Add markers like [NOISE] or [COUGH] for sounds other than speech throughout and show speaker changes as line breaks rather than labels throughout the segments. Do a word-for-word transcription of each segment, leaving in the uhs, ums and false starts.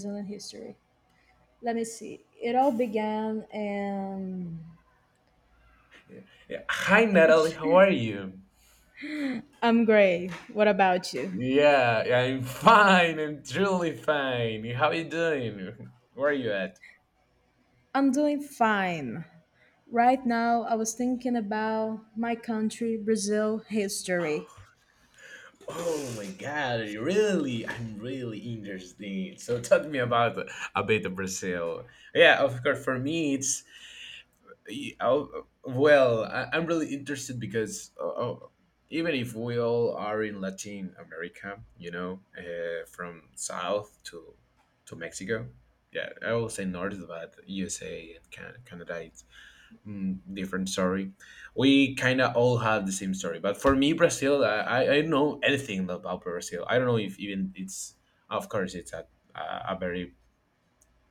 Zealand history. Let me see. It all began in—
Yeah. Hi, Natalie. How are you?
I'm great. What about you?
Yeah, I'm fine. I'm truly fine. How are you doing? Where are you at?
I'm doing fine. Right now, I was thinking about my country, Brazil history.
Oh my God! Really, I'm really interested. So, talk to me about a bit of Brazil. Yeah, of course. For me, it's Y- oh, well I, i'm really interested because uh, oh, even if we all are in Latin America you know uh, from south to to Mexico. Yeah, I will say north, but USA and Can- canada, it's mm, different story. We kind of all have the same story, but for me, Brazil, i i I don't know anything about Brazil. I don't know if even it's of course it's a a a very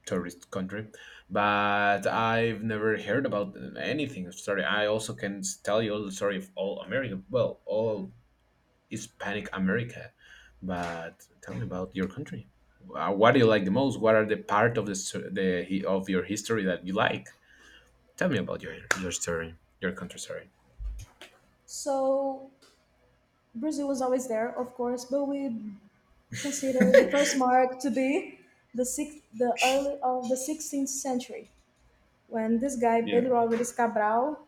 tourist country, but I've never heard about anything. Sorry, I also can tell you all the story of all America, well, all Hispanic America. But tell me about your country. Uh, What do you like the most? What are the part of the s- the hi- of your history that you like? Tell me about your your story, your country story.
So, Brazil was always there, of course, but we consider the first mark to be the sixth, the early of the sixteenth century, when this guy
Yeah.
Pedro Alvarez Cabral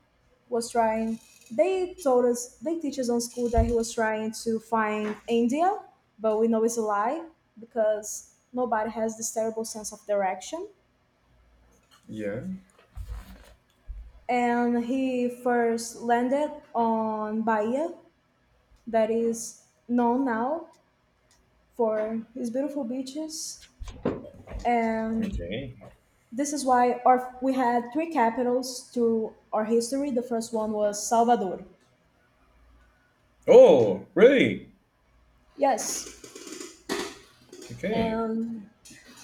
was trying. They told us they teach us on school that he was trying to find India, but we know it's a lie because nobody has this terrible sense of direction.
Yeah.
And he first landed on Bahia, that is known now for its beautiful beaches. And
Okay.
this is why our, we had three capitals to our history. The first one was Salvador.
Oh, really?
Yes.
Okay.
And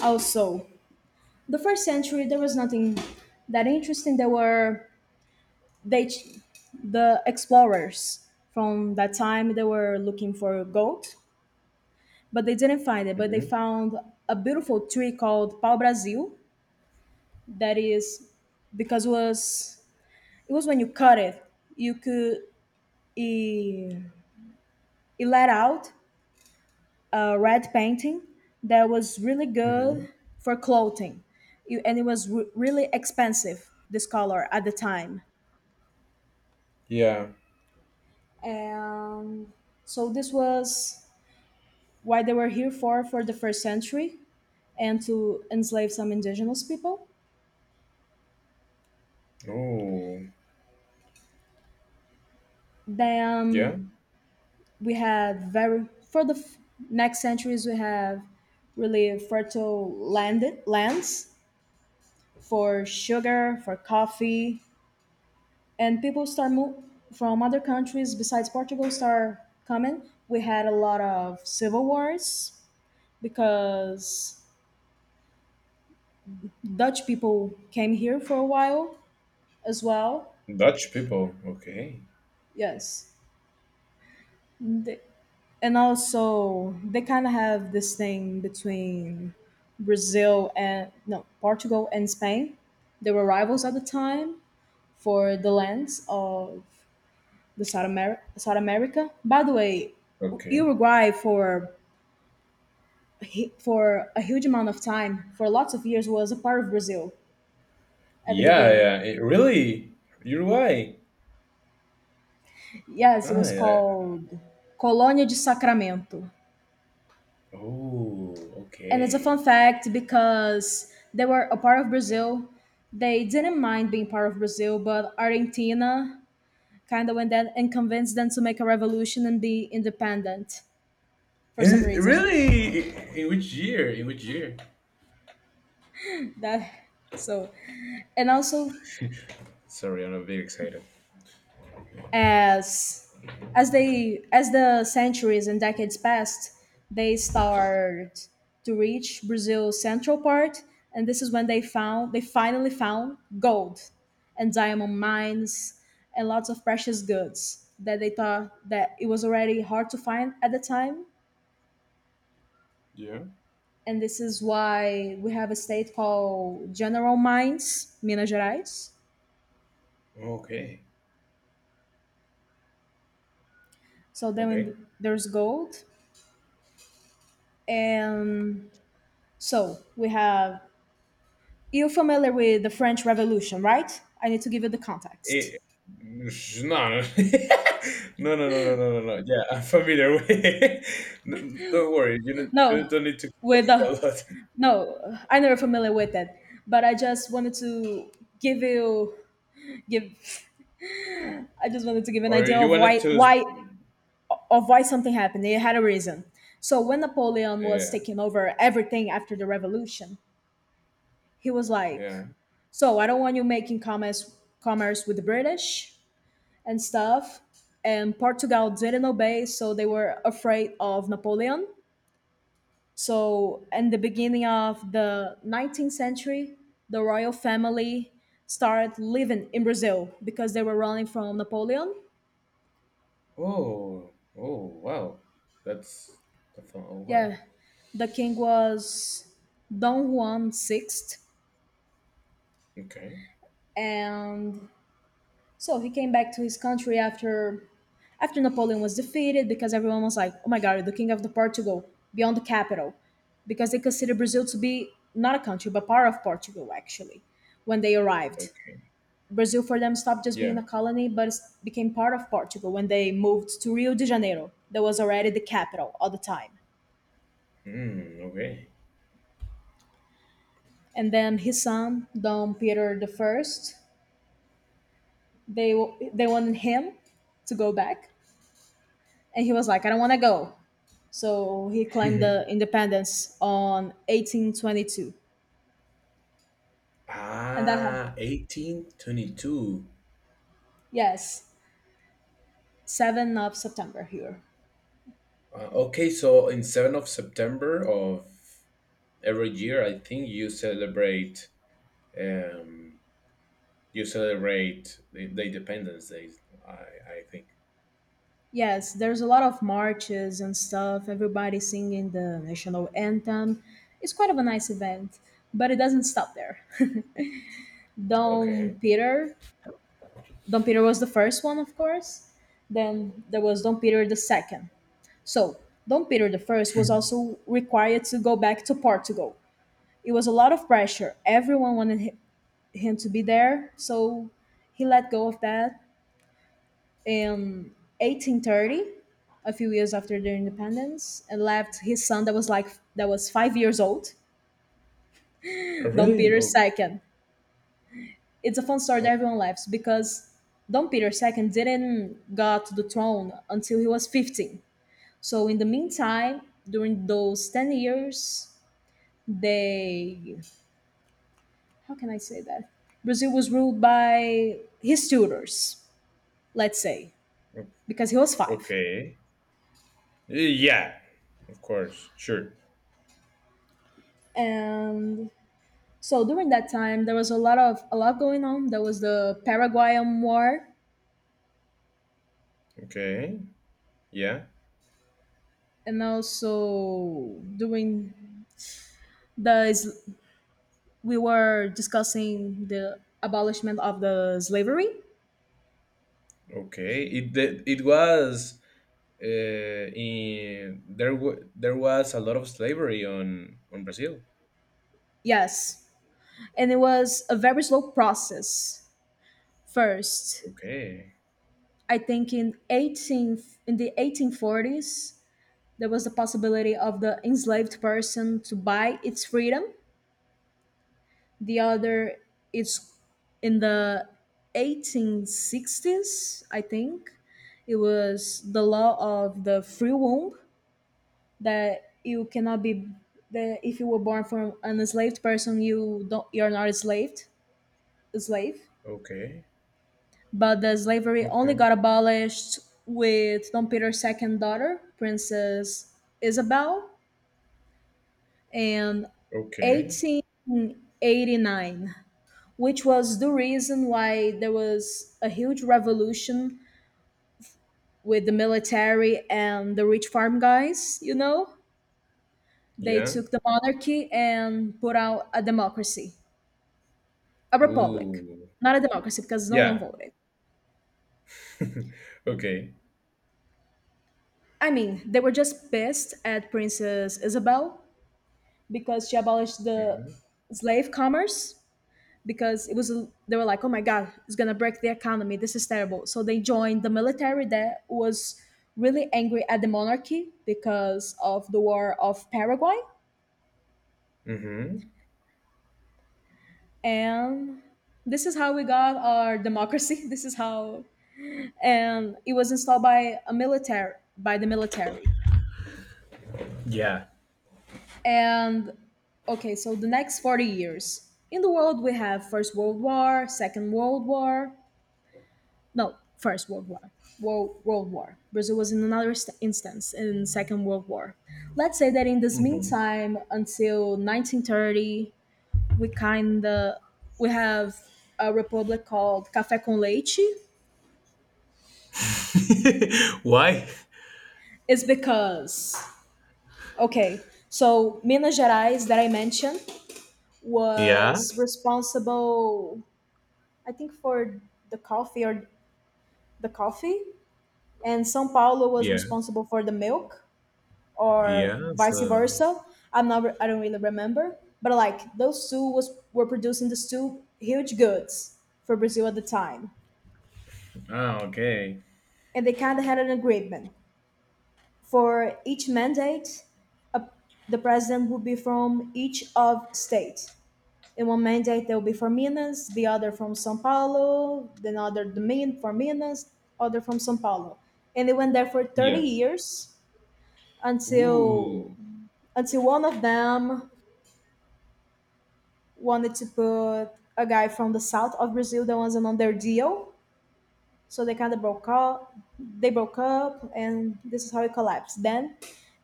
also, the first century there was nothing that interesting. There were they, the explorers from that time, they were looking for gold, but they didn't find it. But they
Mm-hmm.
found a beautiful tree called pau Brasil. That is because it was it was when you cut it, you could— it, it let out a red painting that was really
Mm-hmm.
good for clothing. You- And it was re- really expensive, this color at the time.
Yeah.
And so this was why they were here for for the first century and to enslave some indigenous people.
Oh, yeah.
Then we had very for the f- next centuries we have really fertile land lands for sugar, for coffee, and people start move from other countries besides Portugal start coming. We had a lot of civil wars because Dutch people came here for a while as well.
Dutch people. Okay.
Yes. They- and also they kind of have this thing between Brazil and no Portugal and Spain. They were rivals at the time for the lands of the South, Amer- South America. By the way,
Okay.
Uruguay for he, for a huge amount of time, for lots of years, was a part of Brazil at the
Yeah,
beginning.
yeah. It really? Uruguay?
Yes, it
Ah,
was
yeah.
called Colônia de Sacramento.
Oh,
And it's a
okay.
fun fact because they were a part of Brazil. They didn't mind being part of Brazil, but Argentina kind of went then and convinced them to make a revolution and be independent for some
Eh,
reason.
Really? In which year? In which year?
That— so, and also
[LAUGHS] Sorry, I'm a bit excited.
as as they as the centuries and decades passed, they start to reach Brazil's central part, and this is when they found they finally found gold and diamond mines and lots of precious goods that they thought that it was already hard to find at the time.
Yeah.
And this is why we have a state called general mines, Minas Gerais.
Okay.
So
Okay.
then there's gold. And so we have— you're familiar with the French Revolution, right? I need to give you the context.
It, no, no. [LAUGHS] No, no, no, no, no, no, no. Yeah, I'm familiar with it. [LAUGHS] N- Don't worry. You don't you
No,
don't need to
with
explain a
the—
lot. [LAUGHS]
no, I never familiar with it, but I just wanted to give you give. I just wanted to give an
Or
idea
you
of
wanted
why
to.
why
sp-
of why something happened. It had a reason. So when Napoleon was
Yeah,
taking over everything after the revolution, he was like,
yeah.
"So I don't want you making commerce commerce with the British and stuff." And Portugal didn't obey, so they were afraid of Napoleon. So, in the beginning of the nineteenth century, the royal family started living in Brazil because they were running from Napoleon.
Oh, oh, wow. That's, that's oh, wow.
Yeah, the king was Don Juan six,
Okay.
and so he came back to his country after after Napoleon was defeated, because everyone was like, "Oh my God, the king of the Portugal beyond the capital," because they considered Brazil to be not a country but part of Portugal, actually, when they arrived.
Okay.
Brazil for them stopped just being
Yeah.
a colony, but became part of Portugal when they moved to Rio de Janeiro, that was already the capital at the time.
Mm, okay.
And then his son, Dom Peter the First, they they wanted him to go back, and he was like, "I don't want to go." So he claimed the
[LAUGHS]
independence on eighteen twenty-two, and that—
Ah, eighteen twenty-two.
yes, seventh of September here.
Uh, okay, so in seventh of September of every year, I think you celebrate um you celebrate the, the Independence Day, I I think.
Yes, there's a lot of marches and stuff, everybody singing the national anthem. It's quite of a nice event, but it doesn't stop there. [LAUGHS] Dom
Okay.
Peter, Dom Peter was the first one, of course. Then there was Dom Peter the second. So, Dom Peter the first was also required to go back to Portugal. It was a lot of pressure. Everyone wanted hi- him to be there, so he let go of that in eighteen thirty, a few years after their independence, and left his son that was like that was five years old,
Uh,
Dom
Really?
Peter
Oh,
the second. It's a fun story
oh,
that everyone laughs because Dom Peter the second didn't got to the throne until he was fifteen. So in the meantime, during those ten years, they— how can I say that? Brazil was ruled by his tutors, let's say,
o-
because he was five.
okay. Uh, Yeah, of course. Sure.
And so during that time, there was a lot of— a lot going on. There was the Paraguayan War,
Okay. Yeah.
and also during the s- we were discussing the abolishment of the slavery.
Okay. It it, it was uh, in there wa there was a lot of slavery on on Brazil.
Yes, and it was a very slow process. First,
Okay,
I think in eighteen in the eighteen forties, there was the possibility of the enslaved person to buy its freedom. The other is in the eighteen sixties, I think. It was the law of the free womb that you cannot be— that if you were born from an enslaved person, you don't you're not enslaved, a slave.
okay,
But the slavery only
okay,
got abolished with Don Peter's second daughter, Princess Isabel, in
okay.
eighteen eighty-nine, which was the reason why there was a huge revolution with the military and the rich farm guys, you know? They
Yeah.
took the monarchy and put out a democracy, a republic.
Ooh.
Not a democracy because no one
Yeah.
voted.
[LAUGHS] Okay.
I mean, they were just pissed at Princess Isabel because she abolished the
Mm-hmm.
slave commerce because it was— they were like, "Oh my god, it's gonna break the economy. This is terrible." So they joined the military that was really angry at the monarchy because of the war of Paraguay,
Mm-hmm.
and this is how we got our democracy. [LAUGHS] This is how, and it was installed by a military by the military.
Yeah.
And okay, so the next forty years in the world we have First World War, Second World War. No, first world war— world, world war, Brazil was in another st- instance in second world war. Let's say that in this
Mm-hmm.
meantime until nineteen thirty we kind of— we have a republic called café com leite.
[LAUGHS] Why?
It's because, okay, so Minas Gerais that I mentioned
Yeah.
was responsible, I think, for the coffee, or the coffee, and sao paulo was
Yeah.
responsible for the milk, or
Yeah.
vice
So.
versa. I'm not— re- I don't really remember. But like those two was were producing these two huge goods for Brazil at the time,
Ah. Okay.
and they kind of had an agreement for each mandate. A, the president would be from each of state. In one mandate, they will be from Minas, the other from São Paulo, then other the main from Minas, other from São Paulo, and they went there for thirty
Yeah.
years until
Ooh.
until one of them wanted to put a guy from the south of Brazil that wasn't on their deal. So they kind of broke up. They broke up, and this is how it collapsed. Then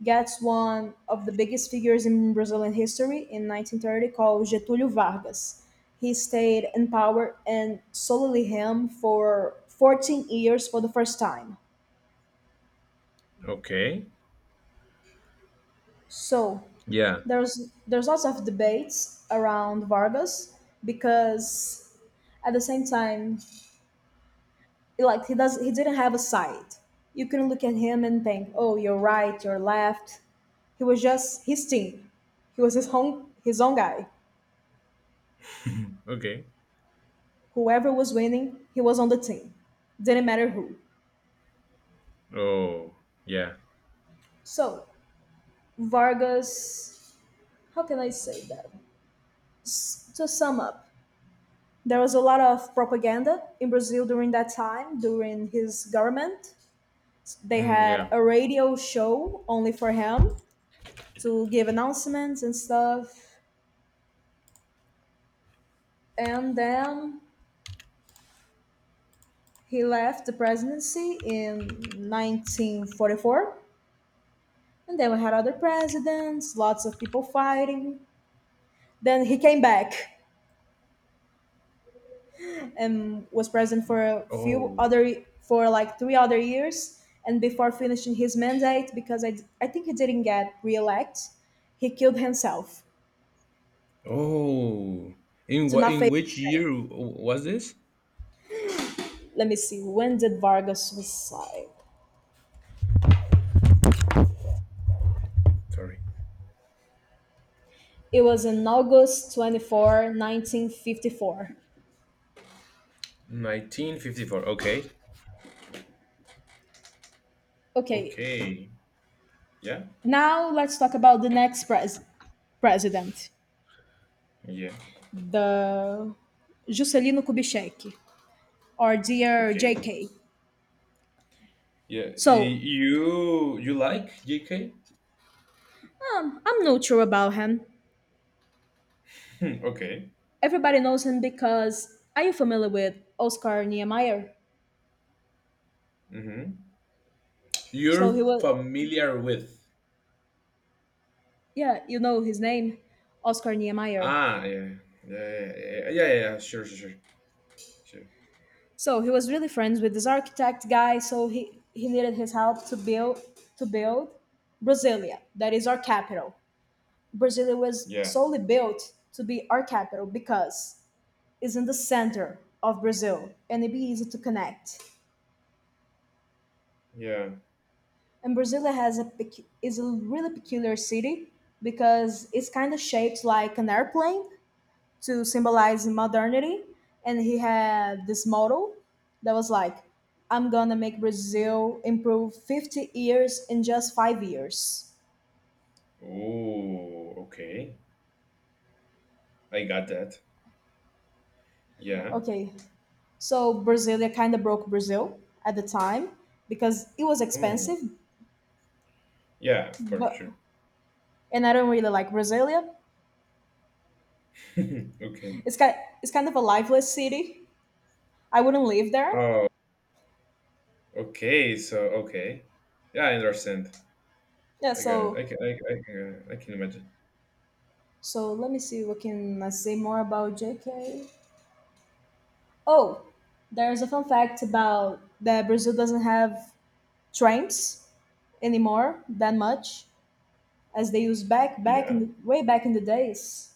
gets one of the biggest figures in Brazilian history in nineteen thirty called Getúlio Vargas. He stayed in power and solely him for fourteen years for the first time.
Okay.
So
Yeah.
there's there's lots of debates around Vargas because at the same time, like, he does he didn't have a side. You couldn't look at him and think, oh, you're right, you're left. He was just his team. He was his own his own guy.
Okay.
Whoever was winning he was on the team, didn't matter who.
Oh. Yeah.
So Vargas— how can I say that? S- to sum up, there was a lot of propaganda in Brazil during that time, during his government. They
Mm,
had
yeah.
a radio show only for him to give announcements and stuff. And then he left the presidency in nineteen forty-four, and then we had other presidents, lots of people fighting. Then he came back and was president for a few
Oh.
other— for like three other years. And before finishing his mandate, because I, I think he didn't get reelect, he killed himself
Oh, in
to
what
not
in
face.
which year w- was this?
Let me see. When did Vargas suicide?
Sorry.
It was in August twenty-fourth, nineteen fifty-four.
nineteen fifty-four. Okay.
Okay.
Okay. Yeah.
Now let's talk about the next pres- president,
Yeah.
the Juscelino Kubitschek, or dear
Okay.
J K.
Yeah. Y-
So
You you like J K?
um, I'm not sure about him.
Hmm, okay.
Everybody knows him because— are you familiar with Oscar Niemeyer?
Mm-hmm.
So
You're
he was—
familiar with.
yeah, you know his name, Oscar Niemeyer.
Ah, yeah. Yeah, yeah, yeah, yeah, yeah, sure, sure, sure, sure.
So he was really friends with this architect guy. So he, he needed his help to build to build Brasilia, that is our capital. Brasilia was
Yeah,
solely built to be our capital because it's in the center of Brazil and it'd be easy to connect.
yeah.
And Brasilia has a pecu- is a really peculiar city because it's kind of shaped like an airplane to symbolize modernity. And he had this motto that was like, "I'm gonna make Brazil improve fifty years in just five years."
Oh, okay. I got that. Yeah.
Okay, so Brasilia kind of broke Brazil at the time because it was
Oh,
expensive
yeah, for
but
sure.
and I don't really like Brasilia.
[LAUGHS] Okay.
It's kind it's kind of a lifeless city. I wouldn't live there.
Oh, okay, so okay, yeah, I understand.
Yeah,
I got it. I
so
can, I, I can, I can imagine.
so let me see what can I say more about J K. Oh, there's a fun fact about that Brazil doesn't have trams anymore that much as they used back back
Yeah.
in way back in the days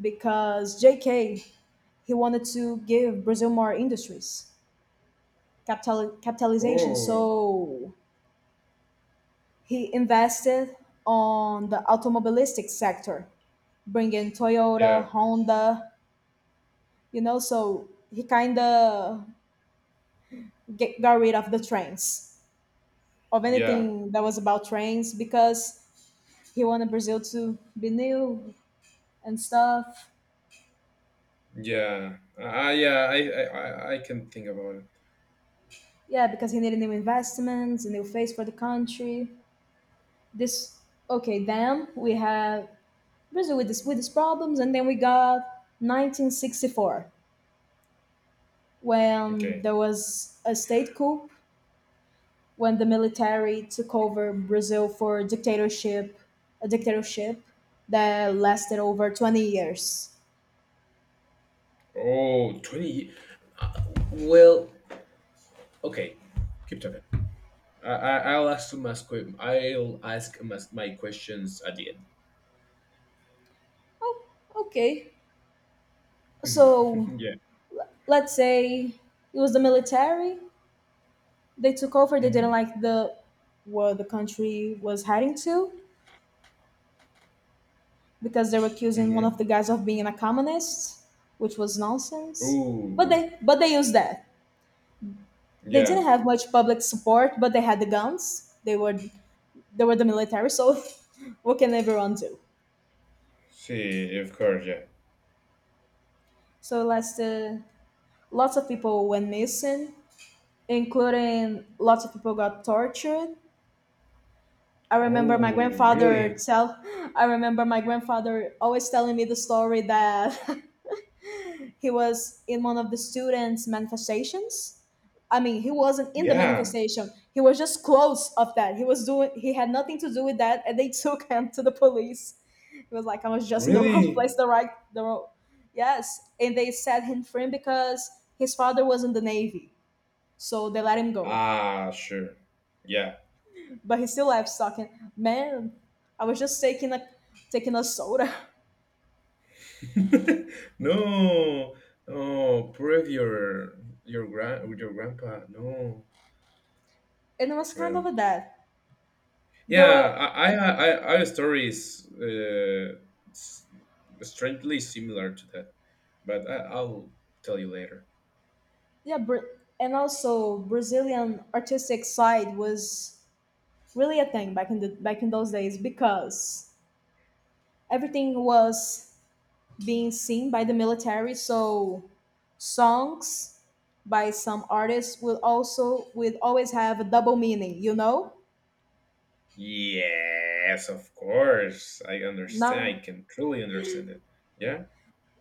because J K he wanted to give Brazil more industries, capital capitalization.
Oh,
So he invested on the automobilistic sector, bringing Toyota,
yeah,
Honda, you know, so he kind of get, got rid of the trains, of
yeah,
anything that was about trains, because he wanted Brazil to be new and stuff.
yeah. Ah, yeah. I, I, I I can think about it.
Yeah, because he needed new investments, a new face for the country. This, okay, then we have Brazil with this with these problems, and then we got nineteen sixty-four when
Okay.
there was a state coup when the military took over Brazil for dictatorship, a dictatorship that lasted over twenty years.
Oh, twenty. ye- Uh, well, okay. Keep talking. I, I I'll ask my que- I'll ask my, my questions at the end.
Oh, okay.
[LAUGHS]
So
Yeah.
l- let's say it was the military. They took over. They didn't
Mm-hmm.
like the where the country was heading to because they were accusing one
Mm-hmm.
of the guys of being a communist, which was nonsense. But
Ooh.
they but they used that. They didn't
Yeah.
have much public support, but they had the guns. They were they were the military, so [LAUGHS] what can everyone do?
See, of course. Yeah.
So last, uh, lots of people went missing, including lots of people got tortured. I remember my
Oh,
grandfather
really?
tell. [LAUGHS] I remember my grandfather always telling me the story that [LAUGHS] he was in one of the students' manifestations. I mean, he wasn't in the
Yeah.
manifestation. He was just close of that. He was doing. He had nothing to do with that, and they [LAUGHS] took him to the police. He was like, I was just in the [LAUGHS] wrong
Really?
place, the right, the wrong. Yes, and they set him free because his father was in the navy, so they let him go.
Ah, sure. Yeah.
But he still left talking. Man, I was just taking a taking a soda,
[LAUGHS] No, no, prove your your grand your grandpa. No.
[LAUGHS] and it was kind
Well,
of a that. There
yeah,
were
I I I, I have stories uh, s- strangely similar to that, but I, I'll tell you later.
Yeah, Bra- and also Brazilian artistic side was really a thing back in the back in those days because everything was being seen by the military. So songs by some artists will also will always have a double meaning. You know,
Yes, of course. I understand. I
now
can truly understand it. Yeah.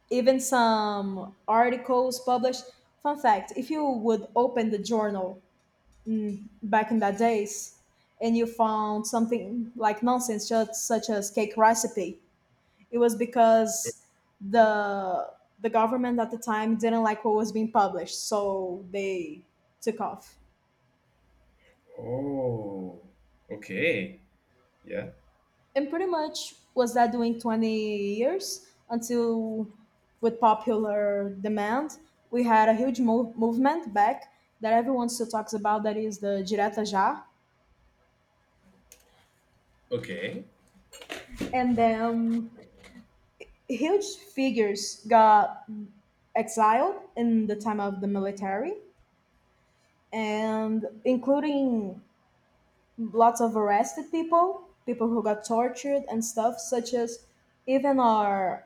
even some articles published. Fun fact: if you would open the journal, mm, back in that days and you found something like nonsense such, such as cake recipe, it was because the the government at the time didn't like what was being published, so they took off.
Oh. Okay. Yeah.
And pretty much was that doing twenty years until with popular demand we had a huge move movement back that everyone still talks about that is the direta já.
Okay.
And then huge figures got exiled in the time of the military and including lots of arrested people people who got tortured and stuff such as even our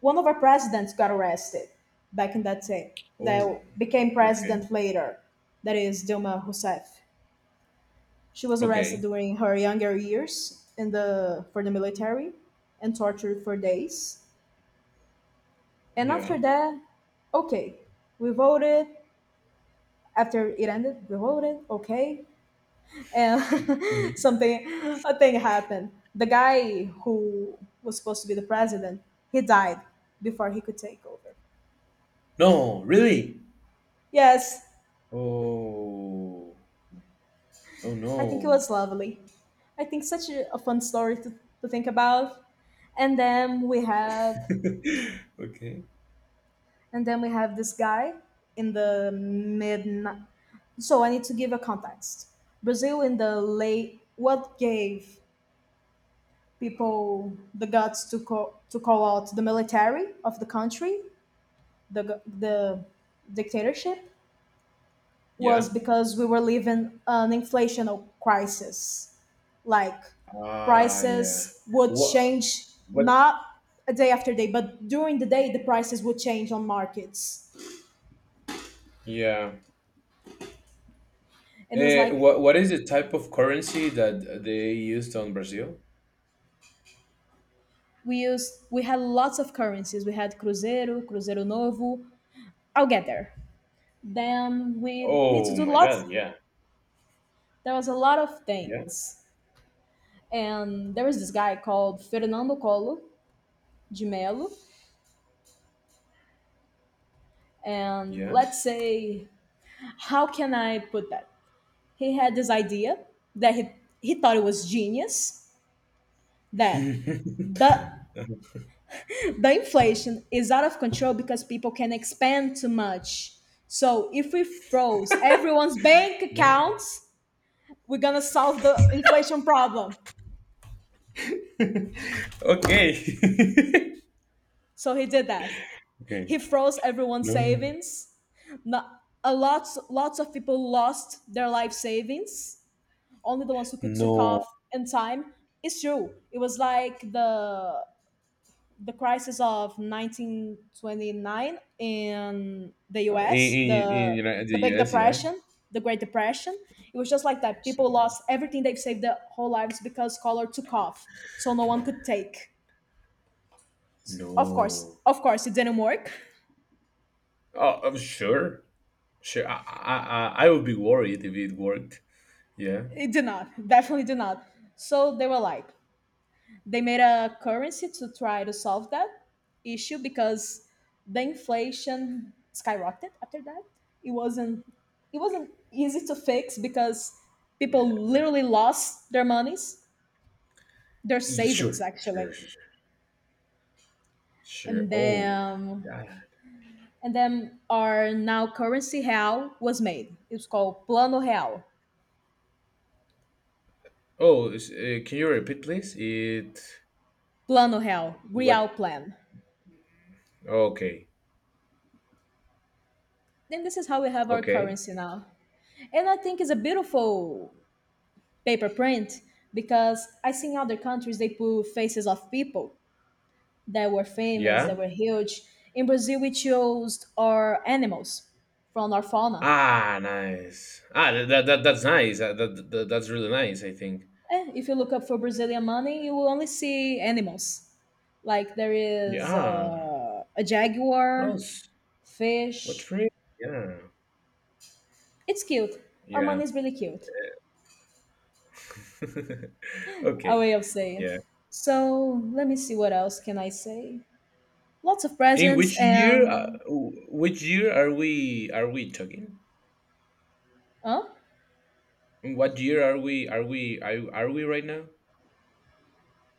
one of our presidents got arrested back in that time that
Oh.
became
Okay.
president later, that is Dilma Rousseff. She was arrested
Okay.
during her younger years in the for the military and tortured for days. And
Yeah.
after that, okay, we voted. After it ended, we voted, okay, and [LAUGHS]
Mhm.
something, a thing happened. The guy who was supposed to be the president, he died before he could take over.
No, really?
Yes,
Oh. Oh
I think it
no.
was lovely. I think such a, a fun story to, to think about. And then we had
[LAUGHS] Okay.
and then we have this guy in the mid, so I need to give a context. Brazil in the late, what gave people the guts to call, to call out the military of the country, the, go- the dictatorship, was
Yeah.
because we were living an inflational crisis, like
Ah, yeah.
prices would
What?
change,
What?
not a day after day but during the day the prices would change on markets,
Yeah.
and it was
Eh,
like
what? What is the type of currency that they used on Brazil?
we used we had lots of currencies. We had cruzeiro, cruzeiro novo. I'll get there. Then we need to
Oh
do
my
lots.
God. Yeah.
There was a lot of
Yeah.
things, and there was this guy called Fernando Colo de Mello. And
Yeah.
let's say, how can I put that? He had this idea that he he thought it was genius that
[LAUGHS]
the the inflation is out of control because people can expand too much. So if we froze everyone's bank
No.
accounts, we're gonna solve the inflation problem.
Okay. [LAUGHS]
So he did that.
Okay.
He froze everyone's
No.
savings. Not, a lots lots of people lost their life savings. Only the ones who could took
No.
off in time. It's true. It was like the the crisis of nineteen twenty-nine in the
In
U S,
in, in
the
Uni- the
the Big
U S, yeah.
Depression, the Great Depression. It was just like that. People lost everything they've saved their whole lives because color took off, so no one could take. Of course,
No.
of course, it didn't work.
Oh, I'm sure. Sure. I, I, I I would be worried if it worked. Yeah.
It did not, [LAUGHS] definitely did not. So they were like, they made a currency to try to solve that issue because the inflation skyrocketed after that. It wasn't, it wasn't easy to fix because people
Yeah.
literally lost their monies, their
Y-
savings
Sure. Sure. Sure.
actually,
Sure. Sure.
and
Oh,
then
yeah.
and then our now currency real was made. It's called Plano Real,
Oh, is- uh, can you repeat, please? It.
Plano Real,
What?
Real Plan,
Okay.
then this is how we have our
Okay.
currency now. And I think it's a beautiful paper print because I seen other countries they put faces of people that were famous, that
Yeah.
were huge. In Brazil, we chose our animals from our fauna.
Ah, nice. Ah, that, that, that that's nice. Uh, That, that, that's really nice, I think.
Eh, if you look up for Brazilian money, you will only see animals. Like there
Yeah.
is
Ah,
uh, a
Oh,
jaguar,
s- what
fish.
tree? Yeah.
It's cute. Our
Yeah.
money is really cute.
[LAUGHS]
A
Okay.
way of saying.
Yeah.
So let me see what else can I say. Lots of
In
presents
which year, uh,
and
w- which year are we are we talking?
huh?
In what year are we are we are, are we right now?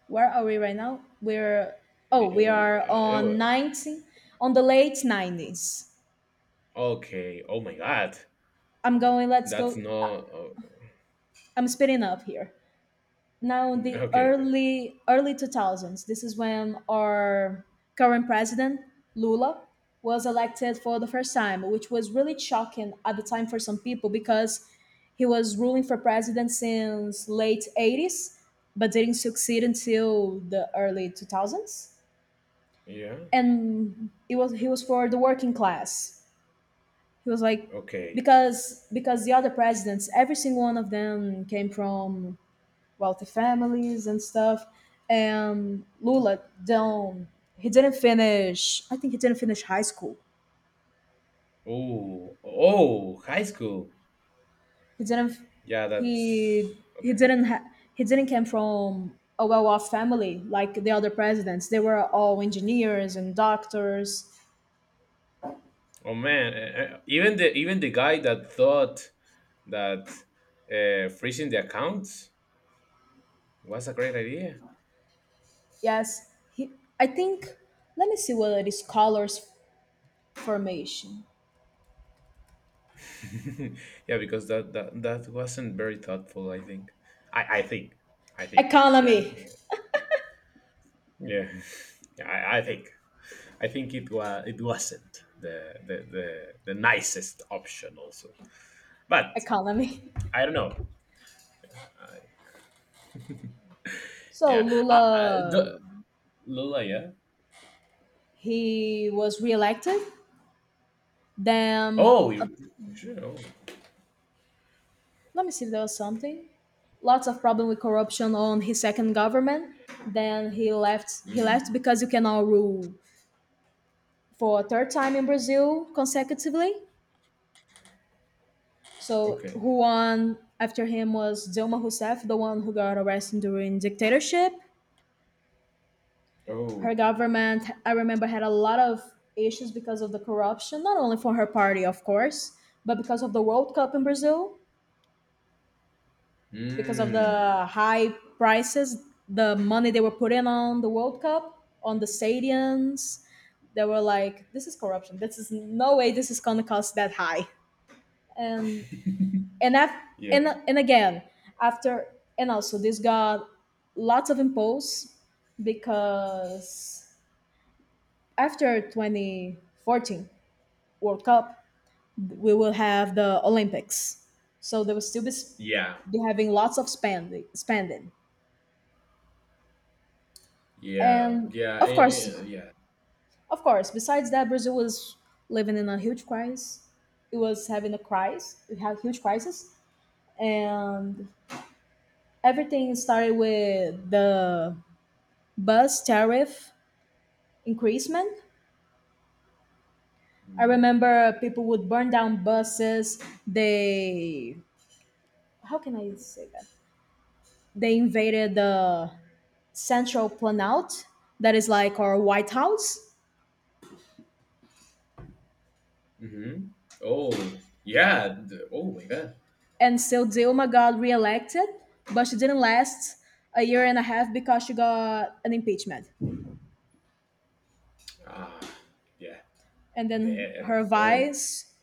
Where are we right now? We're oh, we
Ew,
are
uh,
on
ew,
19 on the late nineties.
Okay. Oh my God,
I'm going, let's
that's
go.
not.
I-
Oh,
I'm speeding up here. Now the
okay. Okay.
early early two thousands, this is when our current president Lula was elected for the first time, which was really shocking at the time for some people because he was ruling for president since late eighties but didn't succeed until the early two thousands.
Yeah.
And it was he was for the working class. He was like
Okay.
because because the other presidents every single one of them came from wealthy families and stuff. And Lula don't he didn't finish, I think he didn't finish high school.
Oh. Oh. High school.
He didn't
Yeah. That's
he he
okay.
didn't ha- He didn't come from a well-off family like the other presidents. They were all engineers and doctors.
Oh man. eh, eh, Even the even the guy that thought that uh, freezing the accounts was a great idea.
Yes, he, I think let me see what it is scholars formation.
[LAUGHS] Yeah, because that, that that wasn't very thoughtful, I think. I I think. I think. Yeah.
Economy.
Yeah. [LAUGHS] Yeah, I, I think. I think it was. It wasn't the, the the the nicest option. Also, but
Economy. [LAUGHS]
I don't know. I,
So
yeah. I, I, the,
Lula
Lola. Yeah.
he was reelected. Then
Oh. You, sure. Oh.
let me see, there was something. Lots of problem with corruption on his second government. Then he left. He left because you cannot rule for a third time in Brazil consecutively. So
Okay.
who won after him was Dilma Rousseff, the one who got arrested during dictatorship. Her
Oh.
government, I remember, had a lot of issues because of the corruption, not only for her party, of course, but because of the World Cup in Brazil because of
Hmm.
the high prices, the money they were putting on the World Cup, on the stadiums. They were like, "This is corruption. This is no way. This is gonna cost that high." And and af-
Yeah.
and and again after and also this got lots of impulse because after twenty fourteen World Cup we will have the Olympics, so they will still be, s-
Yeah.
be having lots of spending spending.
Yeah.
And
Yeah.
of
eh,
course,
eh, yeah.
of course, besides that, Brazil was living in a huge crisis. It was having a crisis. It had huge crisis, and everything started with the bus tariff increasement. I
Hmm.
remember people would burn down buses. They, how can I say that? They invaded the Central Planout, that is like our White House,
Mm-hmm. Oh, yeah. th- Oh my God.
and so Dilma got reelected, but she didn't last a year and a half because she got an impeachment.
Ah, yeah.
And then
There.
her
Oh.
vice,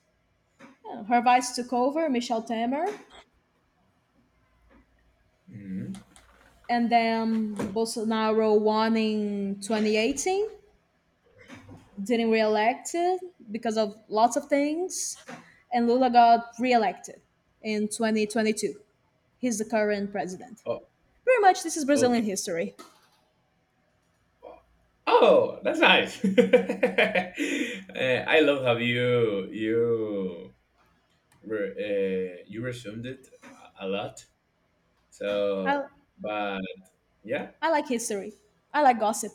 her vice took over, Michelle Temer,
Hmm.
and then Bolsonaro won in twenty eighteen, didn't reelected because of lots of things, and Lula got reelected in twenty twenty-two. He's the current president.
Oh,
Pretty much, this is
okay.
Brazilian history.
Oh, that's nice. [LAUGHS] Eh, I love how you you re- uh, you resumed it a a lot.
I
So, but yeah,
I like history. I like gossip.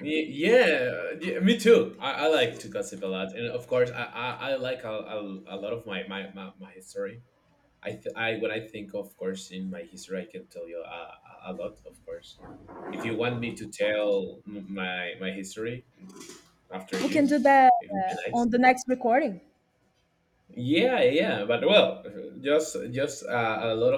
Y- yeah, yeah, me too. I, I like to gossip a lot, and of course, I I, I like a, a, a lot of my my my, my history. I, th- I when I think, of course, in my history, I can tell you a, a lot. Of course, if you want me to tell m- my my history after
We can
you,
do that
it would be
uh,
nice.
on the next recording.
Yeah, yeah, but well, just just uh, a lot of